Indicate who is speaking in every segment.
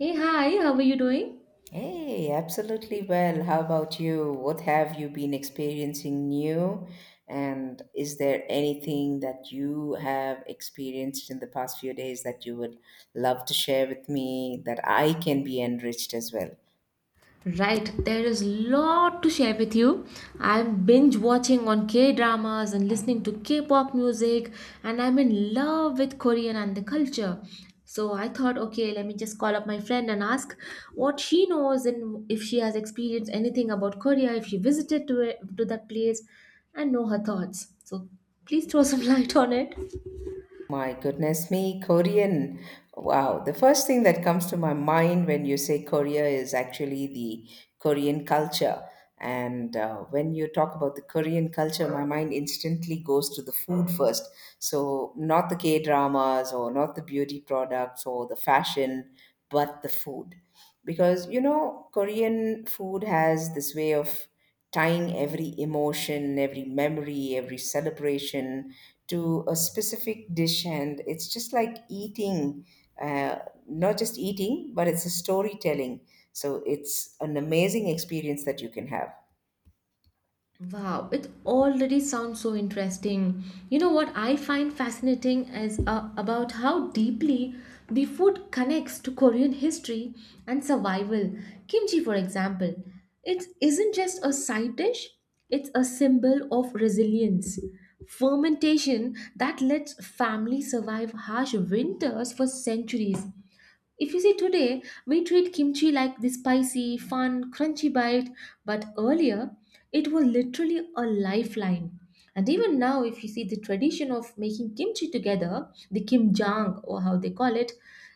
Speaker 1: Hey, hi, how are you doing?
Speaker 2: Hey, absolutely well. How about you? What have you been experiencing new? And is there anything that you have experienced in the past few days that you would love to share with me that I can be enriched as well?
Speaker 1: Right, there is lot to share with you. I'm binge watching on K-dramas and listening to K-pop music, and I'm in love with Korean and the culture. So I thought, okay, let me just call up my friend and ask what she knows and if she has experienced anything about Korea, if she visited to it, to that place, and know her thoughts. So please throw some light on it.
Speaker 2: My goodness me, Korean. Wow. The first thing that comes to my mind when you say Korea is actually the Korean culture. And when you talk about the Korean culture, my mind instantly goes to the food first. So, not the K dramas or not the beauty products or the fashion, but the food. Because, you know, Korean food has this way of tying every emotion, every memory, every celebration to a specific dish. And it's just like uh, not just eating, but it's a storytelling. So it's an amazing experience that you can have.
Speaker 1: Wow, it already sounds so interesting. You know what I find fascinating is about how deeply the food connects to Korean history and survival. Kimchi, for example, it isn't just a side dish, it's a symbol of resilience. Fermentation that lets families survive harsh winters for centuries. If you see today, we treat kimchi like the spicy, fun, crunchy bite, but earlier it was literally a lifeline. And even now, if you see the tradition of making kimchi together, the kimjang or how they call it,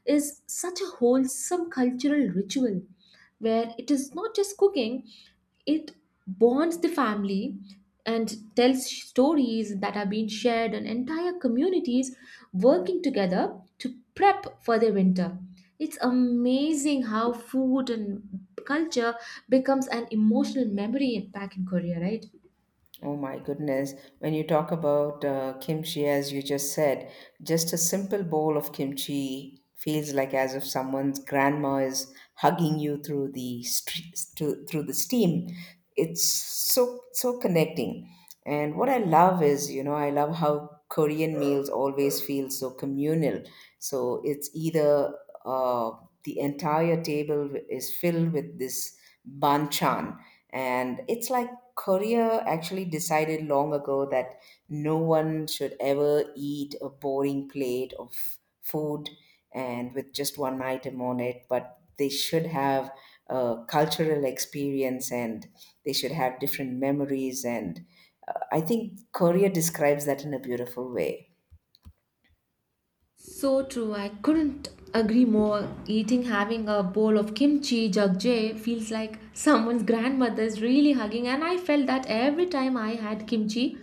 Speaker 1: is such a wholesome cultural ritual where it is not just cooking, it bonds the family and tells stories that are being shared and entire communities working together to prep for the winter. It's amazing how food and culture becomes an emotional memory in back in Korea, right?
Speaker 2: Oh my goodness. When you talk about kimchi, as you just said, just a simple bowl of kimchi feels like as if someone's grandma is hugging you through through the steam. It's so connecting. And what I love is, you know, I love how Korean meals always feel so communal. So it's either uh, the entire table is filled with this banchan, and it's like career actually decided long ago that no one should ever eat a boring plate of food and with just one item on it, but they should have a cultural experience and they should have different memories. And I think Korea describes that in a beautiful way.
Speaker 1: So true. I couldn't agree more. Eating, having a bowl of kimchi jjigae feels like someone's grandmother is really hugging, and I felt that every time I had kimchi,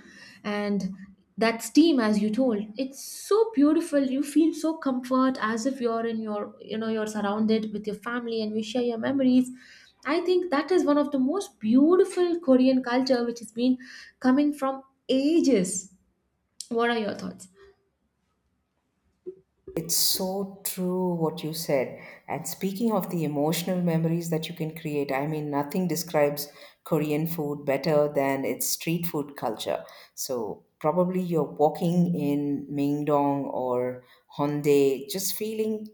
Speaker 1: and that steam, as you told, it's so beautiful. You feel so comfort as if you're in your, you know, you're surrounded with your family, and you share your memories. I think that is one of the most beautiful Korean culture which has been coming from ages. What are your thoughts?
Speaker 2: It's so true what you said. And speaking of the emotional memories that you can create, I mean, nothing describes Korean food better than its street food culture. So, probably you're walking in Mingdong or Hongdae, just feeling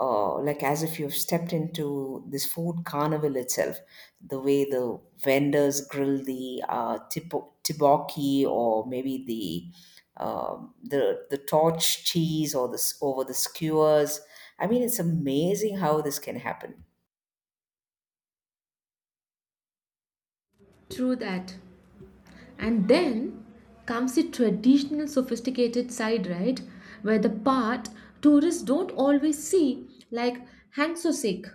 Speaker 2: like as if you've stepped into this food carnival itself. The way the vendors grill the tibocchi or maybe the the torch cheese or this over the skewers. I mean, it's amazing how this can happen.
Speaker 1: True that. And then comes the traditional sophisticated side, right? Where the part tourists don't always see, like hangsosik.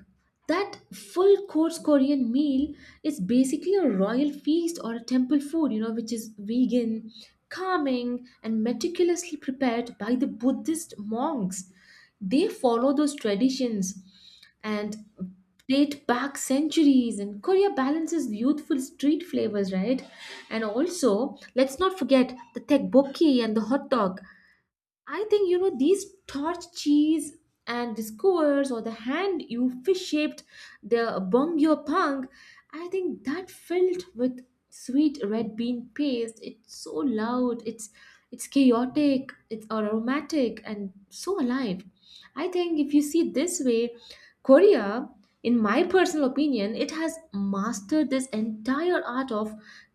Speaker 1: That full course Korean meal is basically a royal feast or a temple food, you know, which is vegan, calming, and meticulously prepared by the Buddhist monks. They follow those traditions and date back centuries and korea balances youthful street flavors right. And also let's not forget the tteokbokki and the hot dog. I think you know these torch cheese and the skewers or the hand you fish shaped the bongyo. I think that filled with sweet red bean paste, it's so loud, it's chaotic, it's aromatic and so alive. I think if you see this way, Korea, in my personal opinion, it has mastered this entire art of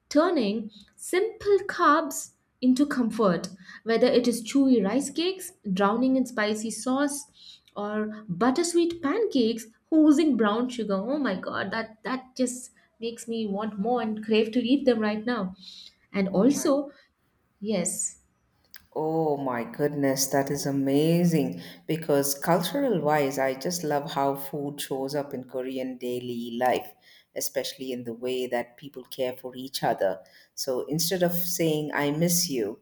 Speaker 1: turning simple carbs into comfort, whether it is chewy rice cakes, drowning in spicy sauce, or buttersweet pancakes oozing brown sugar. Oh my god, that just makes me want more and crave to eat them right now. And
Speaker 2: Oh my
Speaker 1: also, yes,
Speaker 2: Oh my goodness, that is amazing. Because cultural wise, I just love how food shows up in Korean daily life, especially in the way that people care for each other. So instead of saying, I miss you,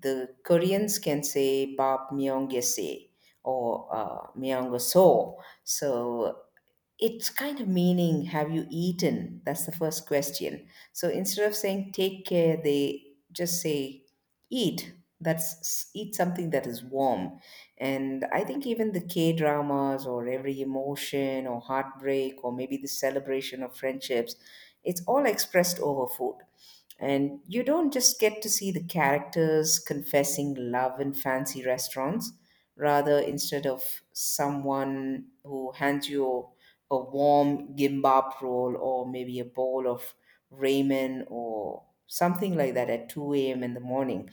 Speaker 2: the Koreans can say, Bap myonggese or myonggoso. So it's kind of meaning, have you eaten? That's the first question. So instead of saying take care, they just say eat. That's eat something that is warm. And I think even the K dramas or every emotion or heartbreak or maybe the celebration of friendships, it's all expressed over food. And you don't just get to see the characters confessing love in fancy restaurants. Rather, instead of someone who hands you a warm gimbap roll or maybe a bowl of ramen or something like that at 2 a.m. in the morning,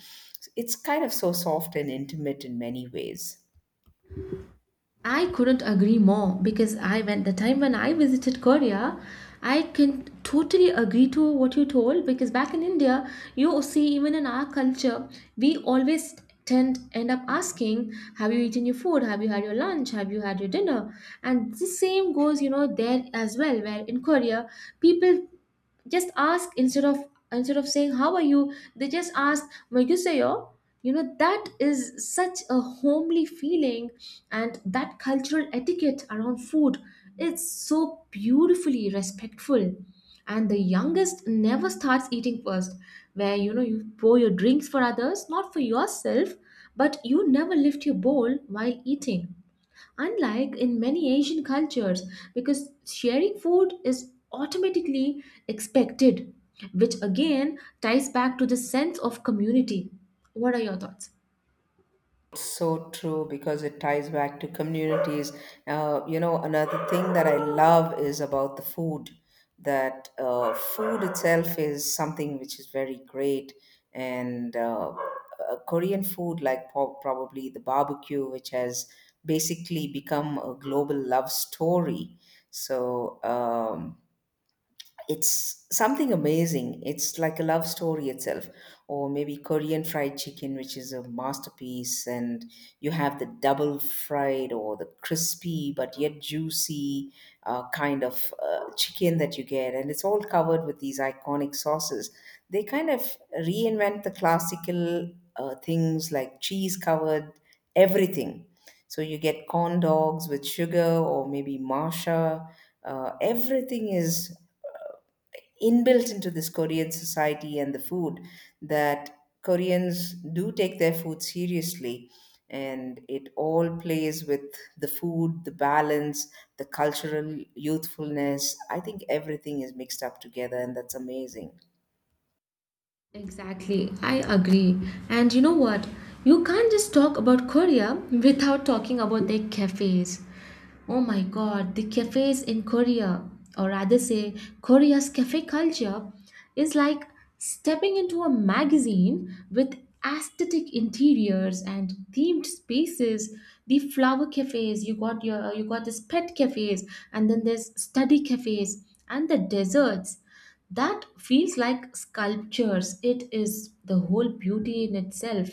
Speaker 2: it's kind of so soft and intimate in many ways.
Speaker 1: I couldn't agree more because I went the time when I visited Korea, I can totally agree to what you told because back in India, you see even in our culture, we always tend end up asking, have you eaten your food? Have you had your lunch? Have you had your dinner? And the same goes, you know, there as well, where in Korea, people just ask instead of saying how are you, they just ask "Megusayo?" You know that is such a homely feeling, and that cultural etiquette around food, it's so beautifully respectful. And the youngest never starts eating first, where you know you pour your drinks for others not for yourself, but you never lift your bowl while eating, unlike in many Asian cultures, because sharing food is automatically expected, which again ties back to the sense of community. What are your thoughts?
Speaker 2: So true, because it ties back to communities. You know, another thing that I love is about the food, that food itself is something which is very great. And Korean food, like probably the barbecue, which has basically become a global love story. So, it's something amazing. It's like a love story itself. Or maybe Korean fried chicken, which is a masterpiece, and you have the double fried or the crispy but yet juicy kind of chicken that you get. And it's all covered with these iconic sauces. They kind of reinvent the classical things like cheese covered everything. So you get corn dogs with sugar or maybe Masha. Everything is inbuilt into this Korean society and the food, that Koreans do take their food seriously. And it all plays with the food, the balance, the cultural youthfulness. I think everything is mixed up together, and that's amazing.
Speaker 1: Exactly, I agree. And you know what? You can't just talk about Korea without talking about their cafes. Oh my god, the cafes in Korea, or rather say Korea's cafe culture, is like stepping into a magazine with aesthetic interiors and themed spaces. The flower cafes, you got this pet cafes, and then there's study cafes and the desserts that feels like sculptures. It is the whole beauty in itself,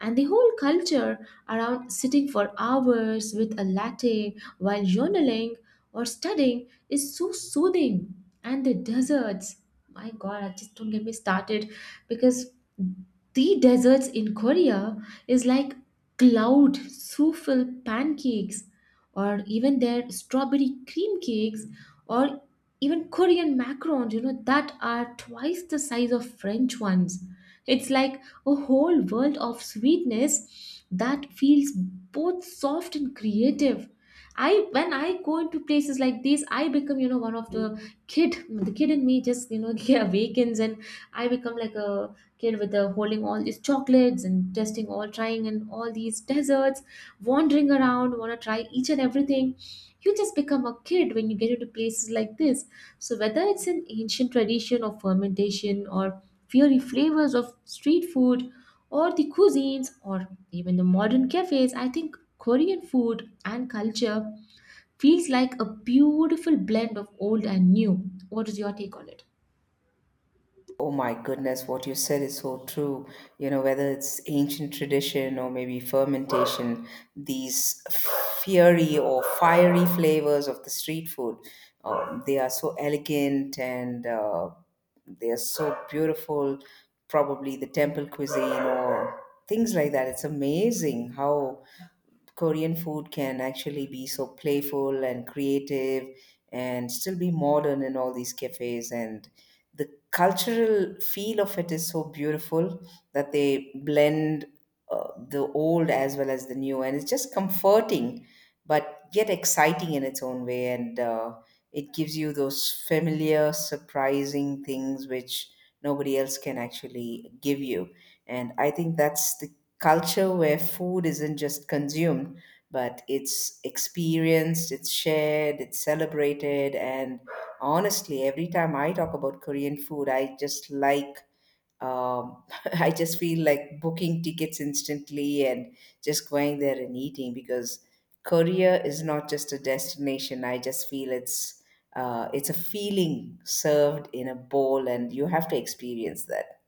Speaker 1: and the whole culture around sitting for hours with a latte while journaling or studying is so soothing. And the deserts, my god, I just don't get me started, because the deserts in Korea is like cloud souffle pancakes or even their strawberry cream cakes or even Korean macarons, you know, that are twice the size of French ones. It's like a whole world of sweetness that feels both soft and creative. I when I go into places like these, I become you know one of the kid. The kid in me just you know yeah, awakens, and I become like a kid with the holding all these chocolates and testing all, trying and all these desserts, wandering around, want to try each and everything. You just become a kid when you get into places like this. So whether it's an ancient tradition of fermentation or fiery flavors of street food or the cuisines or even the modern cafes, I think Korean food and culture feels like a beautiful blend of old and new. What is your take on it?
Speaker 2: Oh my goodness, what you said is so true. You know, whether it's ancient tradition or maybe fermentation, these fiery flavors of the street food, they are so elegant and they are so beautiful. Probably the temple cuisine or things like that. It's amazing how Korean food can actually be so playful and creative and still be modern in all these cafes. And the cultural feel of it is so beautiful, that they blend the old as well as the new. And it's just comforting, but yet exciting in its own way. And it gives you those familiar, surprising things which nobody else can actually give you. And I think that's the culture where food isn't just consumed, but it's experienced, it's shared, it's celebrated. And honestly, every time I talk about Korean food, I just like, um, I just feel like booking tickets instantly and just going there and eating, because Korea is not just a destination. I just feel it's a feeling served in a bowl, and you have to experience that.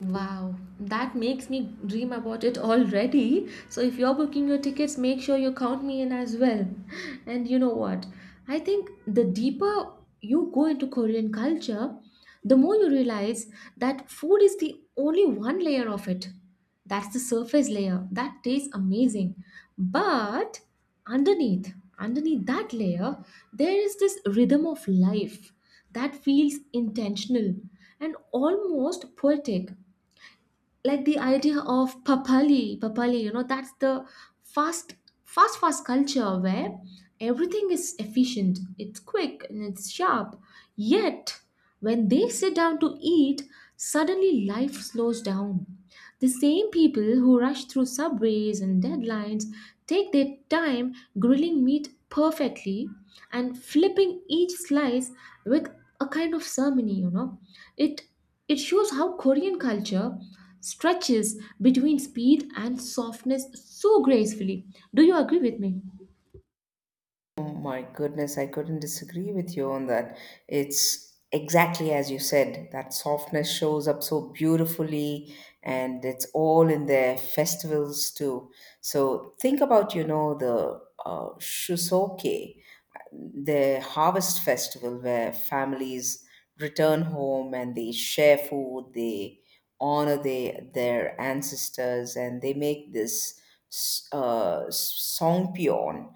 Speaker 1: Wow, that makes me dream about it already. So, if you're booking your tickets, make sure you count me in as well. And you know what? I think the deeper you go into Korean culture, the more you realize that food is the only one layer of it. That's the surface layer. That tastes amazing. But underneath, underneath that layer, there is this rhythm of life that feels intentional and almost poetic, like the idea of papali papali, you know, that's the fast fast fast culture where everything is efficient, it's quick and it's sharp. Yet when they sit down to eat, suddenly life slows down. The same people who rush through subways and deadlines take their time grilling meat perfectly and flipping each slice with a kind of ceremony, you know. It it shows how Korean culture stretches between speed and softness so gracefully. Do you agree with me?
Speaker 2: Oh my goodness, I couldn't disagree with you on that. It's exactly as you said, that softness shows up so beautifully, and it's all in their festivals too. So think about, you know, the shusoke, the harvest festival where families return home and they share food, they honor their ancestors, and they make this songpyeon.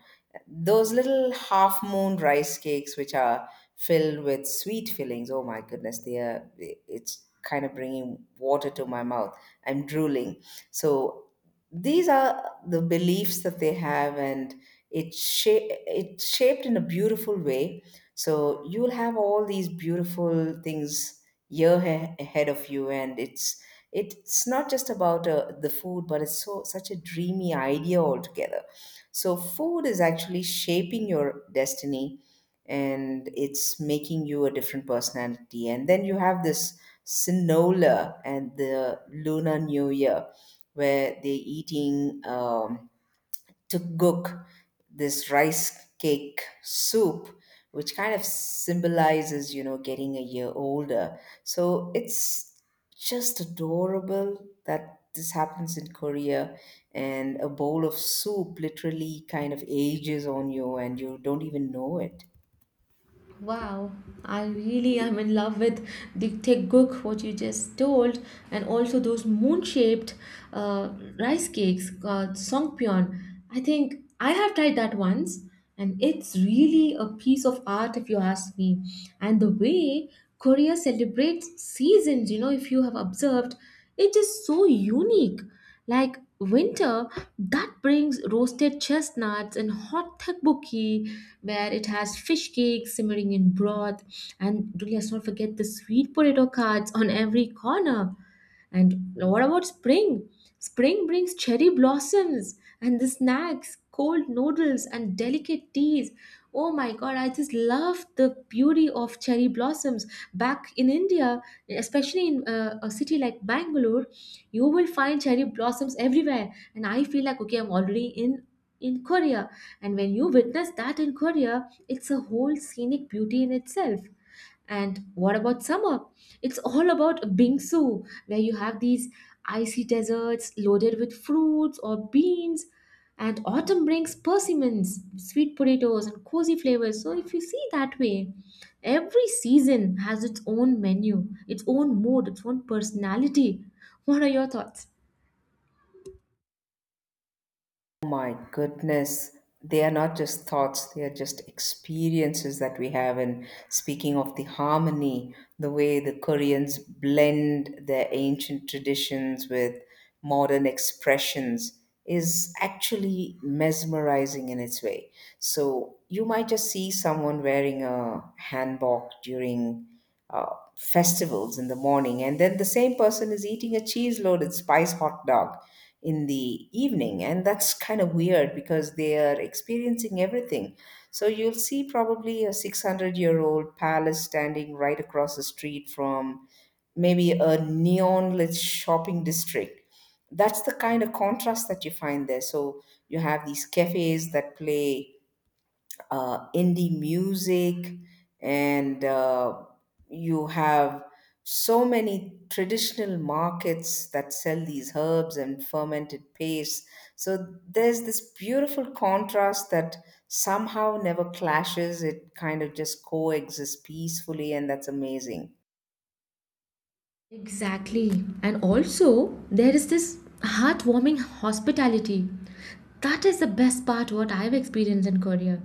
Speaker 2: Those little half moon rice cakes, which are filled with sweet fillings. Oh my goodness, they are, it's kind of bringing water to my mouth. I'm drooling. So these are the beliefs that they have, and it's shaped in a beautiful way. So you'll have all these beautiful things ahead of you, and it's not just about the food, but it's so such a dreamy idea altogether. So food is actually shaping your destiny, and it's making you a different personality. And then you have this Sinola and the Lunar New Year, where they're eating. To cook this rice cake soup, which kind of symbolizes, you know, getting a year older. So it's just adorable that this happens in Korea, and a bowl of soup literally kind of ages on you and you don't even know it.
Speaker 1: Wow, I really am in love with the teguk what you just told, and also those moon-shaped uh, rice cakes called songpyeon. I think I have tried that once, and it's really a piece of art if you ask me. And the way Korea celebrates seasons, you know, if you have observed, it is so unique. Like winter, that brings roasted chestnuts and hot tteokbokki, where it has fish cakes simmering in broth. And do let's not forget the sweet potato cards on every corner. And what about spring? Spring brings cherry blossoms and the snacks, cold noodles and delicate teas. Oh my god, I just love the beauty of cherry blossoms. Back in India, especially in a city like Bangalore, you will find cherry blossoms everywhere. And I feel like, okay, I'm already in. In Korea, and when you witness that in Korea, it's a whole scenic beauty in itself. And what about summer? It's all about bingsu, where you have these icy deserts loaded with fruits or beans. And autumn brings persimmons, sweet potatoes, and cozy flavors. So, if you see that way, every season has its own menu, its own mood, its own personality. What are your thoughts?
Speaker 2: My goodness, they are not just thoughts, they are just experiences that we have. And speaking of the harmony, the way the Koreans blend their ancient traditions with modern expressions is actually mesmerizing in its way. So you might just see someone wearing a hanbok during uh, festivals in the morning, and then the same person is eating a cheese loaded spice hot dog in the evening, and that's kind of weird because they are experiencing everything. So you'll see probably a 600-year-old palace standing right across the street from maybe a neon lit shopping district. That's the kind of contrast that you find there. So you have these cafes that play indie music, and you have so many traditional markets that sell these herbs and fermented pastes. So there's this beautiful contrast that somehow never clashes. It kind of just coexists peacefully, and that's amazing.
Speaker 1: Exactly. And also, there is this heartwarming hospitality. That is the best part what I've experienced in Korea.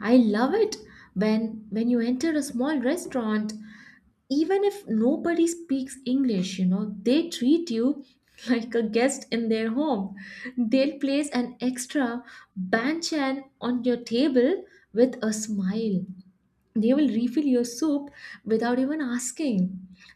Speaker 1: I love it when you enter a small restaurant, even if nobody speaks English, you know, they treat you like a guest in their home. They'll place an extra banchan on your table with a smile. They will refill your soup without even asking,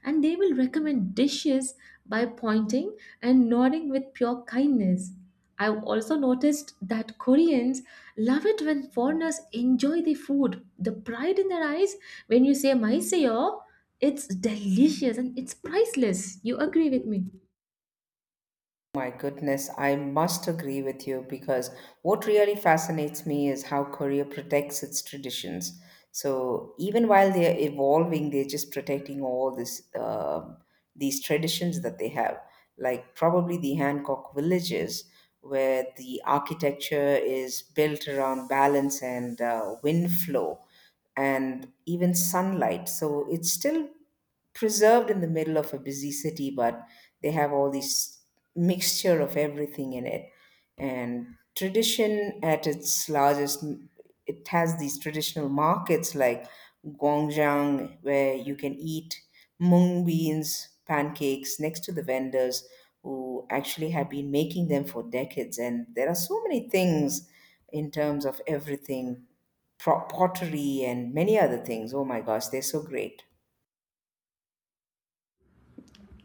Speaker 1: and they will recommend dishes by pointing and nodding with pure kindness. I've also noticed that Koreans love it when foreigners enjoy the food. The pride in their eyes when you say maiseyo, it's delicious, and it's priceless. You agree with me?
Speaker 2: My goodness, I must agree with you, because what really fascinates me is how Korea protects its traditions. So even while they're evolving, they're just protecting all this these traditions that they have, like probably the Hancock villages, where the architecture is built around balance and wind flow and even sunlight. So it's still preserved in the middle of a busy city, but they have all this mixture of everything in it. And tradition at its largest, it has these traditional markets like Gwangjang, where you can eat mung beans, pancakes next to the vendors who actually have been making them for decades. And there are so many things in terms of everything pottery and many other things. Oh my gosh, they're so great.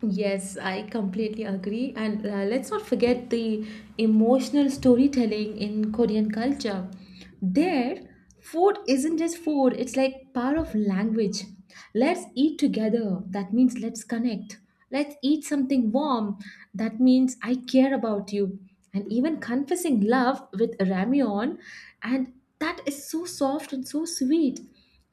Speaker 1: Yes, I completely agree. And let's not forget the emotional storytelling in Korean culture. There, food isn't just food, it's like part of language. Let's eat together. That means let's connect. Let's eat something warm. That means I care about you. And even confessing love with ramyeon. And that is so soft and so sweet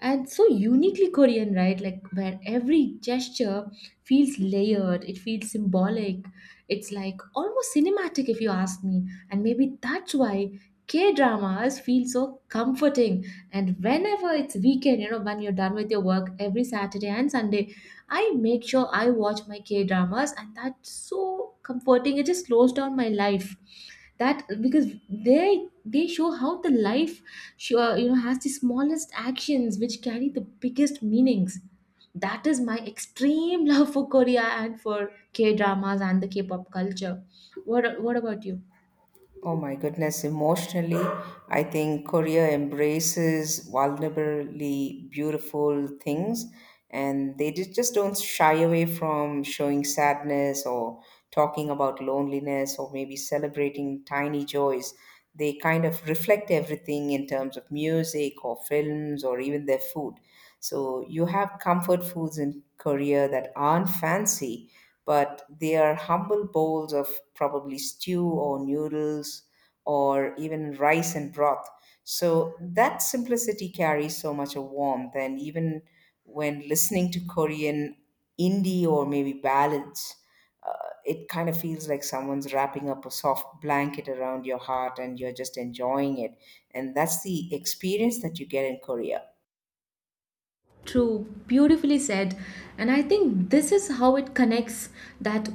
Speaker 1: and so uniquely Korean, right? Like where every gesture feels layered, it feels symbolic, it's like almost cinematic if you ask me. And maybe that's why K dramas feel so comforting. And whenever it's weekend, you know, when you're done with your work every Saturday and Sunday, I make sure I watch my K dramas, and that's so comforting. It just slows down my life. That because they show how the life sure you know has the smallest actions which carry the biggest meanings. That is my extreme love for Korea and for K dramas and the K pop culture. What about you?
Speaker 2: Oh my goodness, emotionally, I think Korea embraces vulnerably beautiful things, and they just don't shy away from showing sadness or talking about loneliness or maybe celebrating tiny joys. They kind of reflect everything in terms of music or films or even their food. So you have comfort foods in Korea that aren't fancy, but they are humble bowls of probably stew or noodles or even rice and broth. So that simplicity carries so much of warmth, and even when listening to Korean indie or maybe ballads, uh, it kind of feels like someone's wrapping up a soft blanket around your heart and you're just enjoying it. And that's the experience that you get in Korea.
Speaker 1: True, beautifully said. And I think this is how it connects that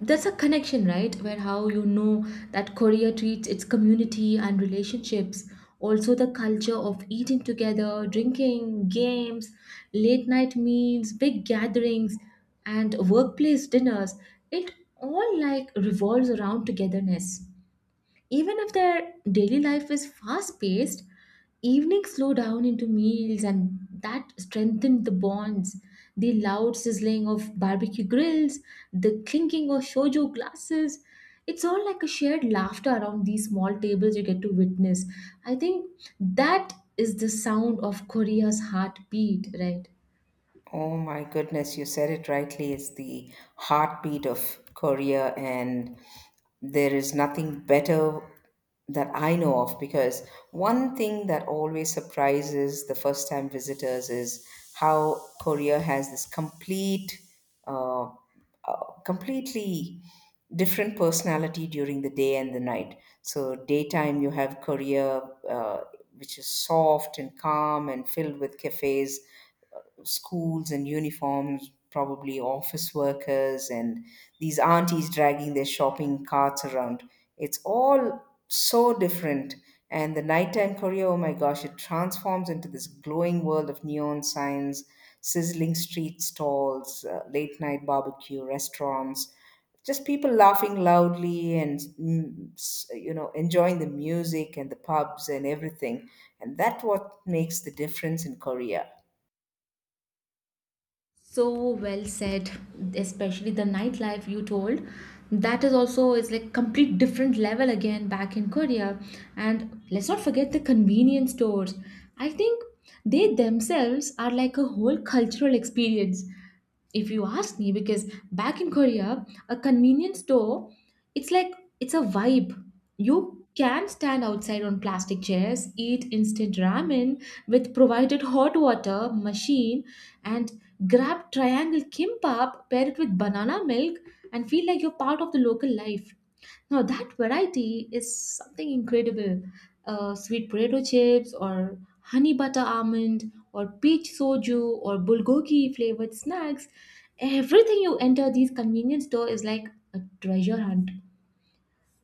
Speaker 1: that's a connection, right? Where, how you know that Korea treats its community and relationships. Also, the culture of eating together, drinking, games, late night meals, big gatherings, and workplace dinners. It all like revolves around togetherness. Even if their daily life is fast paced, evenings slow down into meals and that strengthened the bonds. The loud sizzling of barbecue grills, the clinking of shojo glasses. It's all like a shared laughter around these small tables you get to witness. I think that is the sound of Korea's heartbeat, right?
Speaker 2: Oh my goodness, you said it rightly. It's the heartbeat of Korea, and there is nothing better that I know of, because one thing that always surprises the first time visitors is how Korea has this uh, completely different personality during the day and the night. So, daytime, you have Korea, uh, which is soft and calm and filled with cafes, schools and uniforms, probably office workers, and these aunties dragging their shopping carts around. It's all so different. And the nighttime Korea, oh my gosh, it transforms into this glowing world of neon signs, sizzling street stalls, late night barbecue restaurants, just people laughing loudly and enjoying the music and the pubs and everything. And that what makes the difference in Korea.
Speaker 1: So well said, especially the nightlife you told. That is also is like complete different level again back in Korea. And let's not forget the convenience stores. I think they themselves are like a whole cultural experience. If you ask me, because back in Korea, a convenience store, it's like it's a vibe. You can stand outside on plastic chairs, eat instant ramen with provided hot water machine, and Grab triangle kimbap, pair it with banana milk, and feel like you're part of the local life. Now, that variety is something incredible. Sweet potato chips, or honey butter almond, or peach soju, or bulgogi flavored snacks. Everything you enter these convenience store is like a treasure hunt.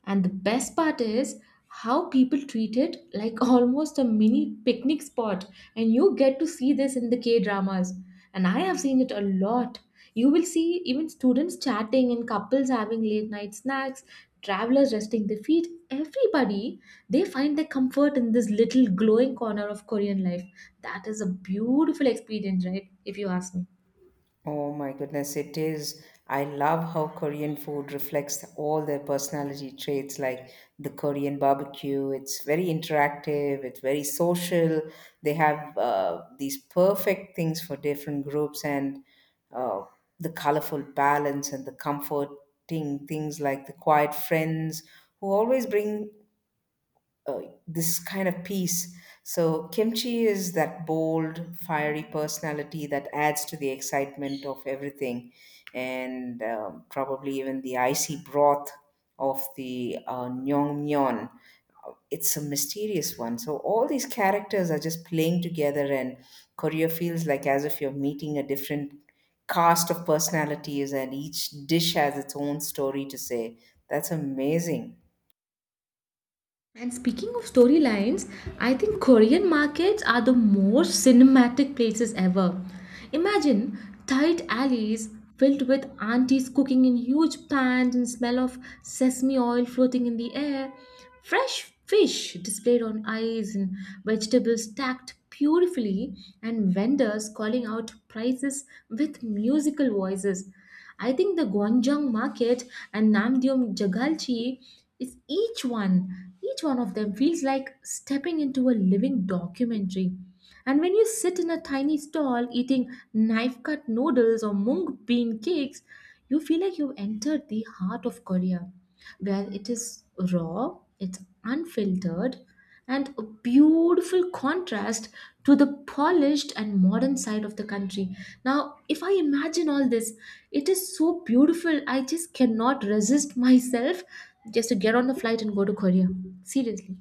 Speaker 1: And the best part is how people treat it like almost a mini picnic spot. And you get to see this in the K dramas. And I have seen it a lot. You will see even students chatting and couples having late night snacks, travelers resting their feet. Everybody, they find their comfort in this little glowing corner of Korean life. That is a beautiful experience, right? If you ask me.
Speaker 2: Oh my goodness, it is. I love how Korean food reflects all their personality traits, like the Korean barbecue. It's very interactive, it's very social. They have these perfect things for different groups, and uh, the colorful balance and the comforting things like the quiet friends who always bring uh, this kind of peace. So kimchi is that bold, fiery personality that adds to the excitement of everything, and probably even the icy broth of the Nyongmyeon. It's a mysterious one. So all these characters are just playing together, and Korea feels like as if you're meeting a different cast of personalities, and each dish has its own story to say. That's amazing.
Speaker 1: And speaking of storylines, I think Korean markets are the most cinematic places ever. Imagine tight alleys filled with aunties cooking in huge pans and smell of sesame oil floating in the air, fresh fish displayed on ice and vegetables stacked beautifully, and vendors calling out prices with musical voices. I think the Gwangjang market and Namdeom Jagalchi is each one of them feels like stepping into a living documentary. And when you sit in a tiny stall eating knife cut noodles or mung bean cakes, you feel like you've entered the heart of Korea, where it is raw, it's unfiltered, and a beautiful contrast to the polished and modern side of the country. Now, if I imagine all this, it is so beautiful. I just cannot resist myself just to get on the flight and go to Korea. Seriously.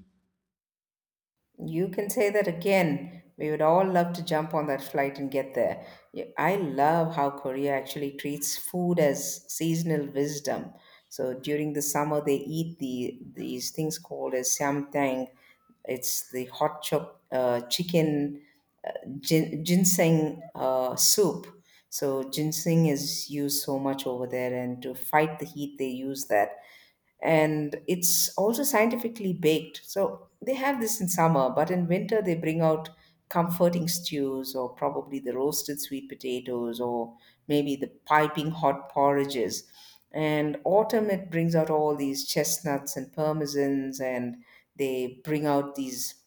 Speaker 2: You can say that again. We would all love to jump on that flight and get there. Yeah, I love how Korea actually treats food as seasonal wisdom. So during the summer, they eat these things called as samtang. It's the hot chop chicken ginseng soup. So ginseng is used so much over there, and to fight the heat, they use that. And it's also scientifically baked. So they have this in summer, but in winter they bring out comforting stews or probably the roasted sweet potatoes or maybe the piping hot porridges. And autumn it brings out all these chestnuts and parmesans and they bring out these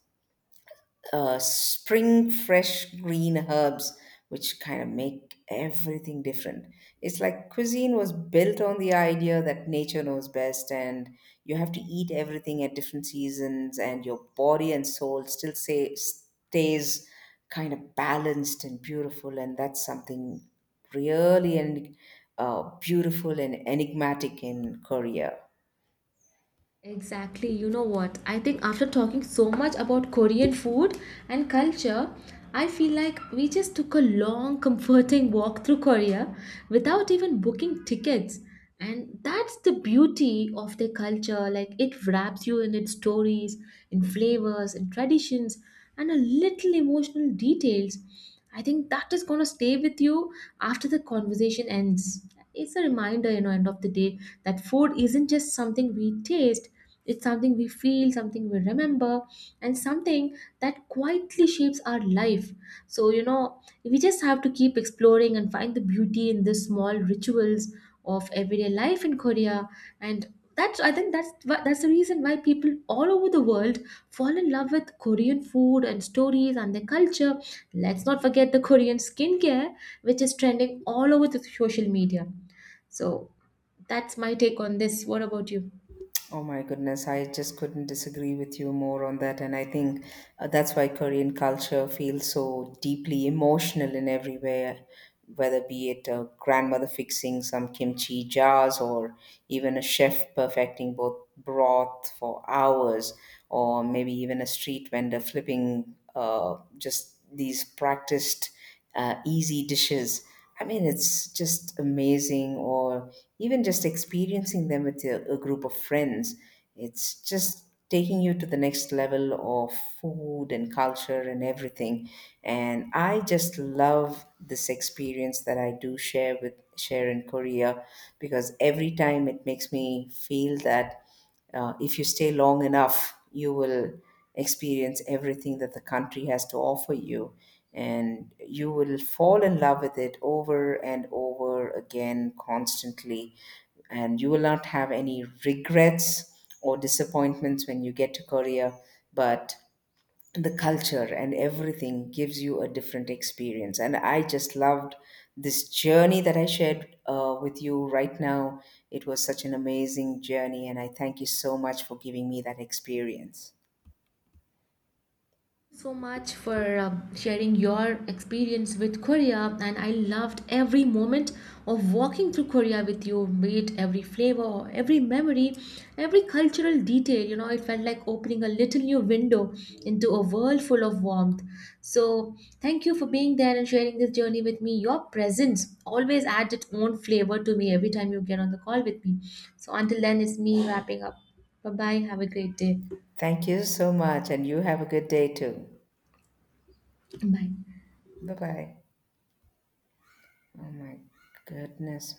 Speaker 2: spring fresh green herbs, which kind of make everything different. It's like cuisine was built on the idea that nature knows best and you have to eat everything at different seasons and your body and soul stays kind of balanced and beautiful. And that's something really and beautiful and enigmatic in Korea.
Speaker 1: Exactly, you know what? I think after talking so much about Korean food and culture, I feel like we just took a long, comforting walk through Korea without even booking tickets. And that's the beauty of their culture. Like it wraps you in its stories, in flavors, in traditions, and a little emotional details. I think that is going to stay with you after the conversation ends. It's a reminder, you know, end of the day, that food isn't just something we taste, it's something we feel, something we remember, and something that quietly shapes our life. So you know, we just have to keep exploring and find the beauty in the small rituals of everyday life in Korea. And that's, I think that's the reason why people all over the world fall in love with Korean food and stories and their culture. Let's not forget the Korean skincare, which is trending all over the social media. So that's my take on this. What about you?
Speaker 2: Oh my goodness, I just couldn't disagree with you more on that. And I think that's why Korean culture feels so deeply emotional in every way, whether be it a grandmother fixing some kimchi jars or even a chef perfecting both broth for hours, or maybe even a street vendor flipping just these practiced easy dishes. I mean, it's just amazing, or even just experiencing them with a group of friends. It's just taking you to the next level of food and culture and everything. And I just love this experience that I do share in Korea because every time it makes me feel that. If you stay long enough, you will experience everything that the country has to offer you, and you will fall in love with it over and over again constantly. And you will not have any regrets or disappointments when you get to Korea, but the culture and everything gives you a different experience. And I just loved this journey that I shared with you right now. It was such an amazing journey, and I thank you so much for giving me that experience.
Speaker 1: So much for sharing your experience with Korea, and I loved every moment of walking through Korea with you, be it every flavor, or every memory, every cultural detail. You know, it felt like opening a little new window into a world full of warmth. So, thank you for being there and sharing this journey with me. Your presence always adds its own flavor to me every time you get on the call with me. So, until then, it's me wrapping up. Bye bye. Have a great day.
Speaker 2: Thank you so much, and you have a good day too.
Speaker 1: Bye.
Speaker 2: Bye bye. Oh my goodness.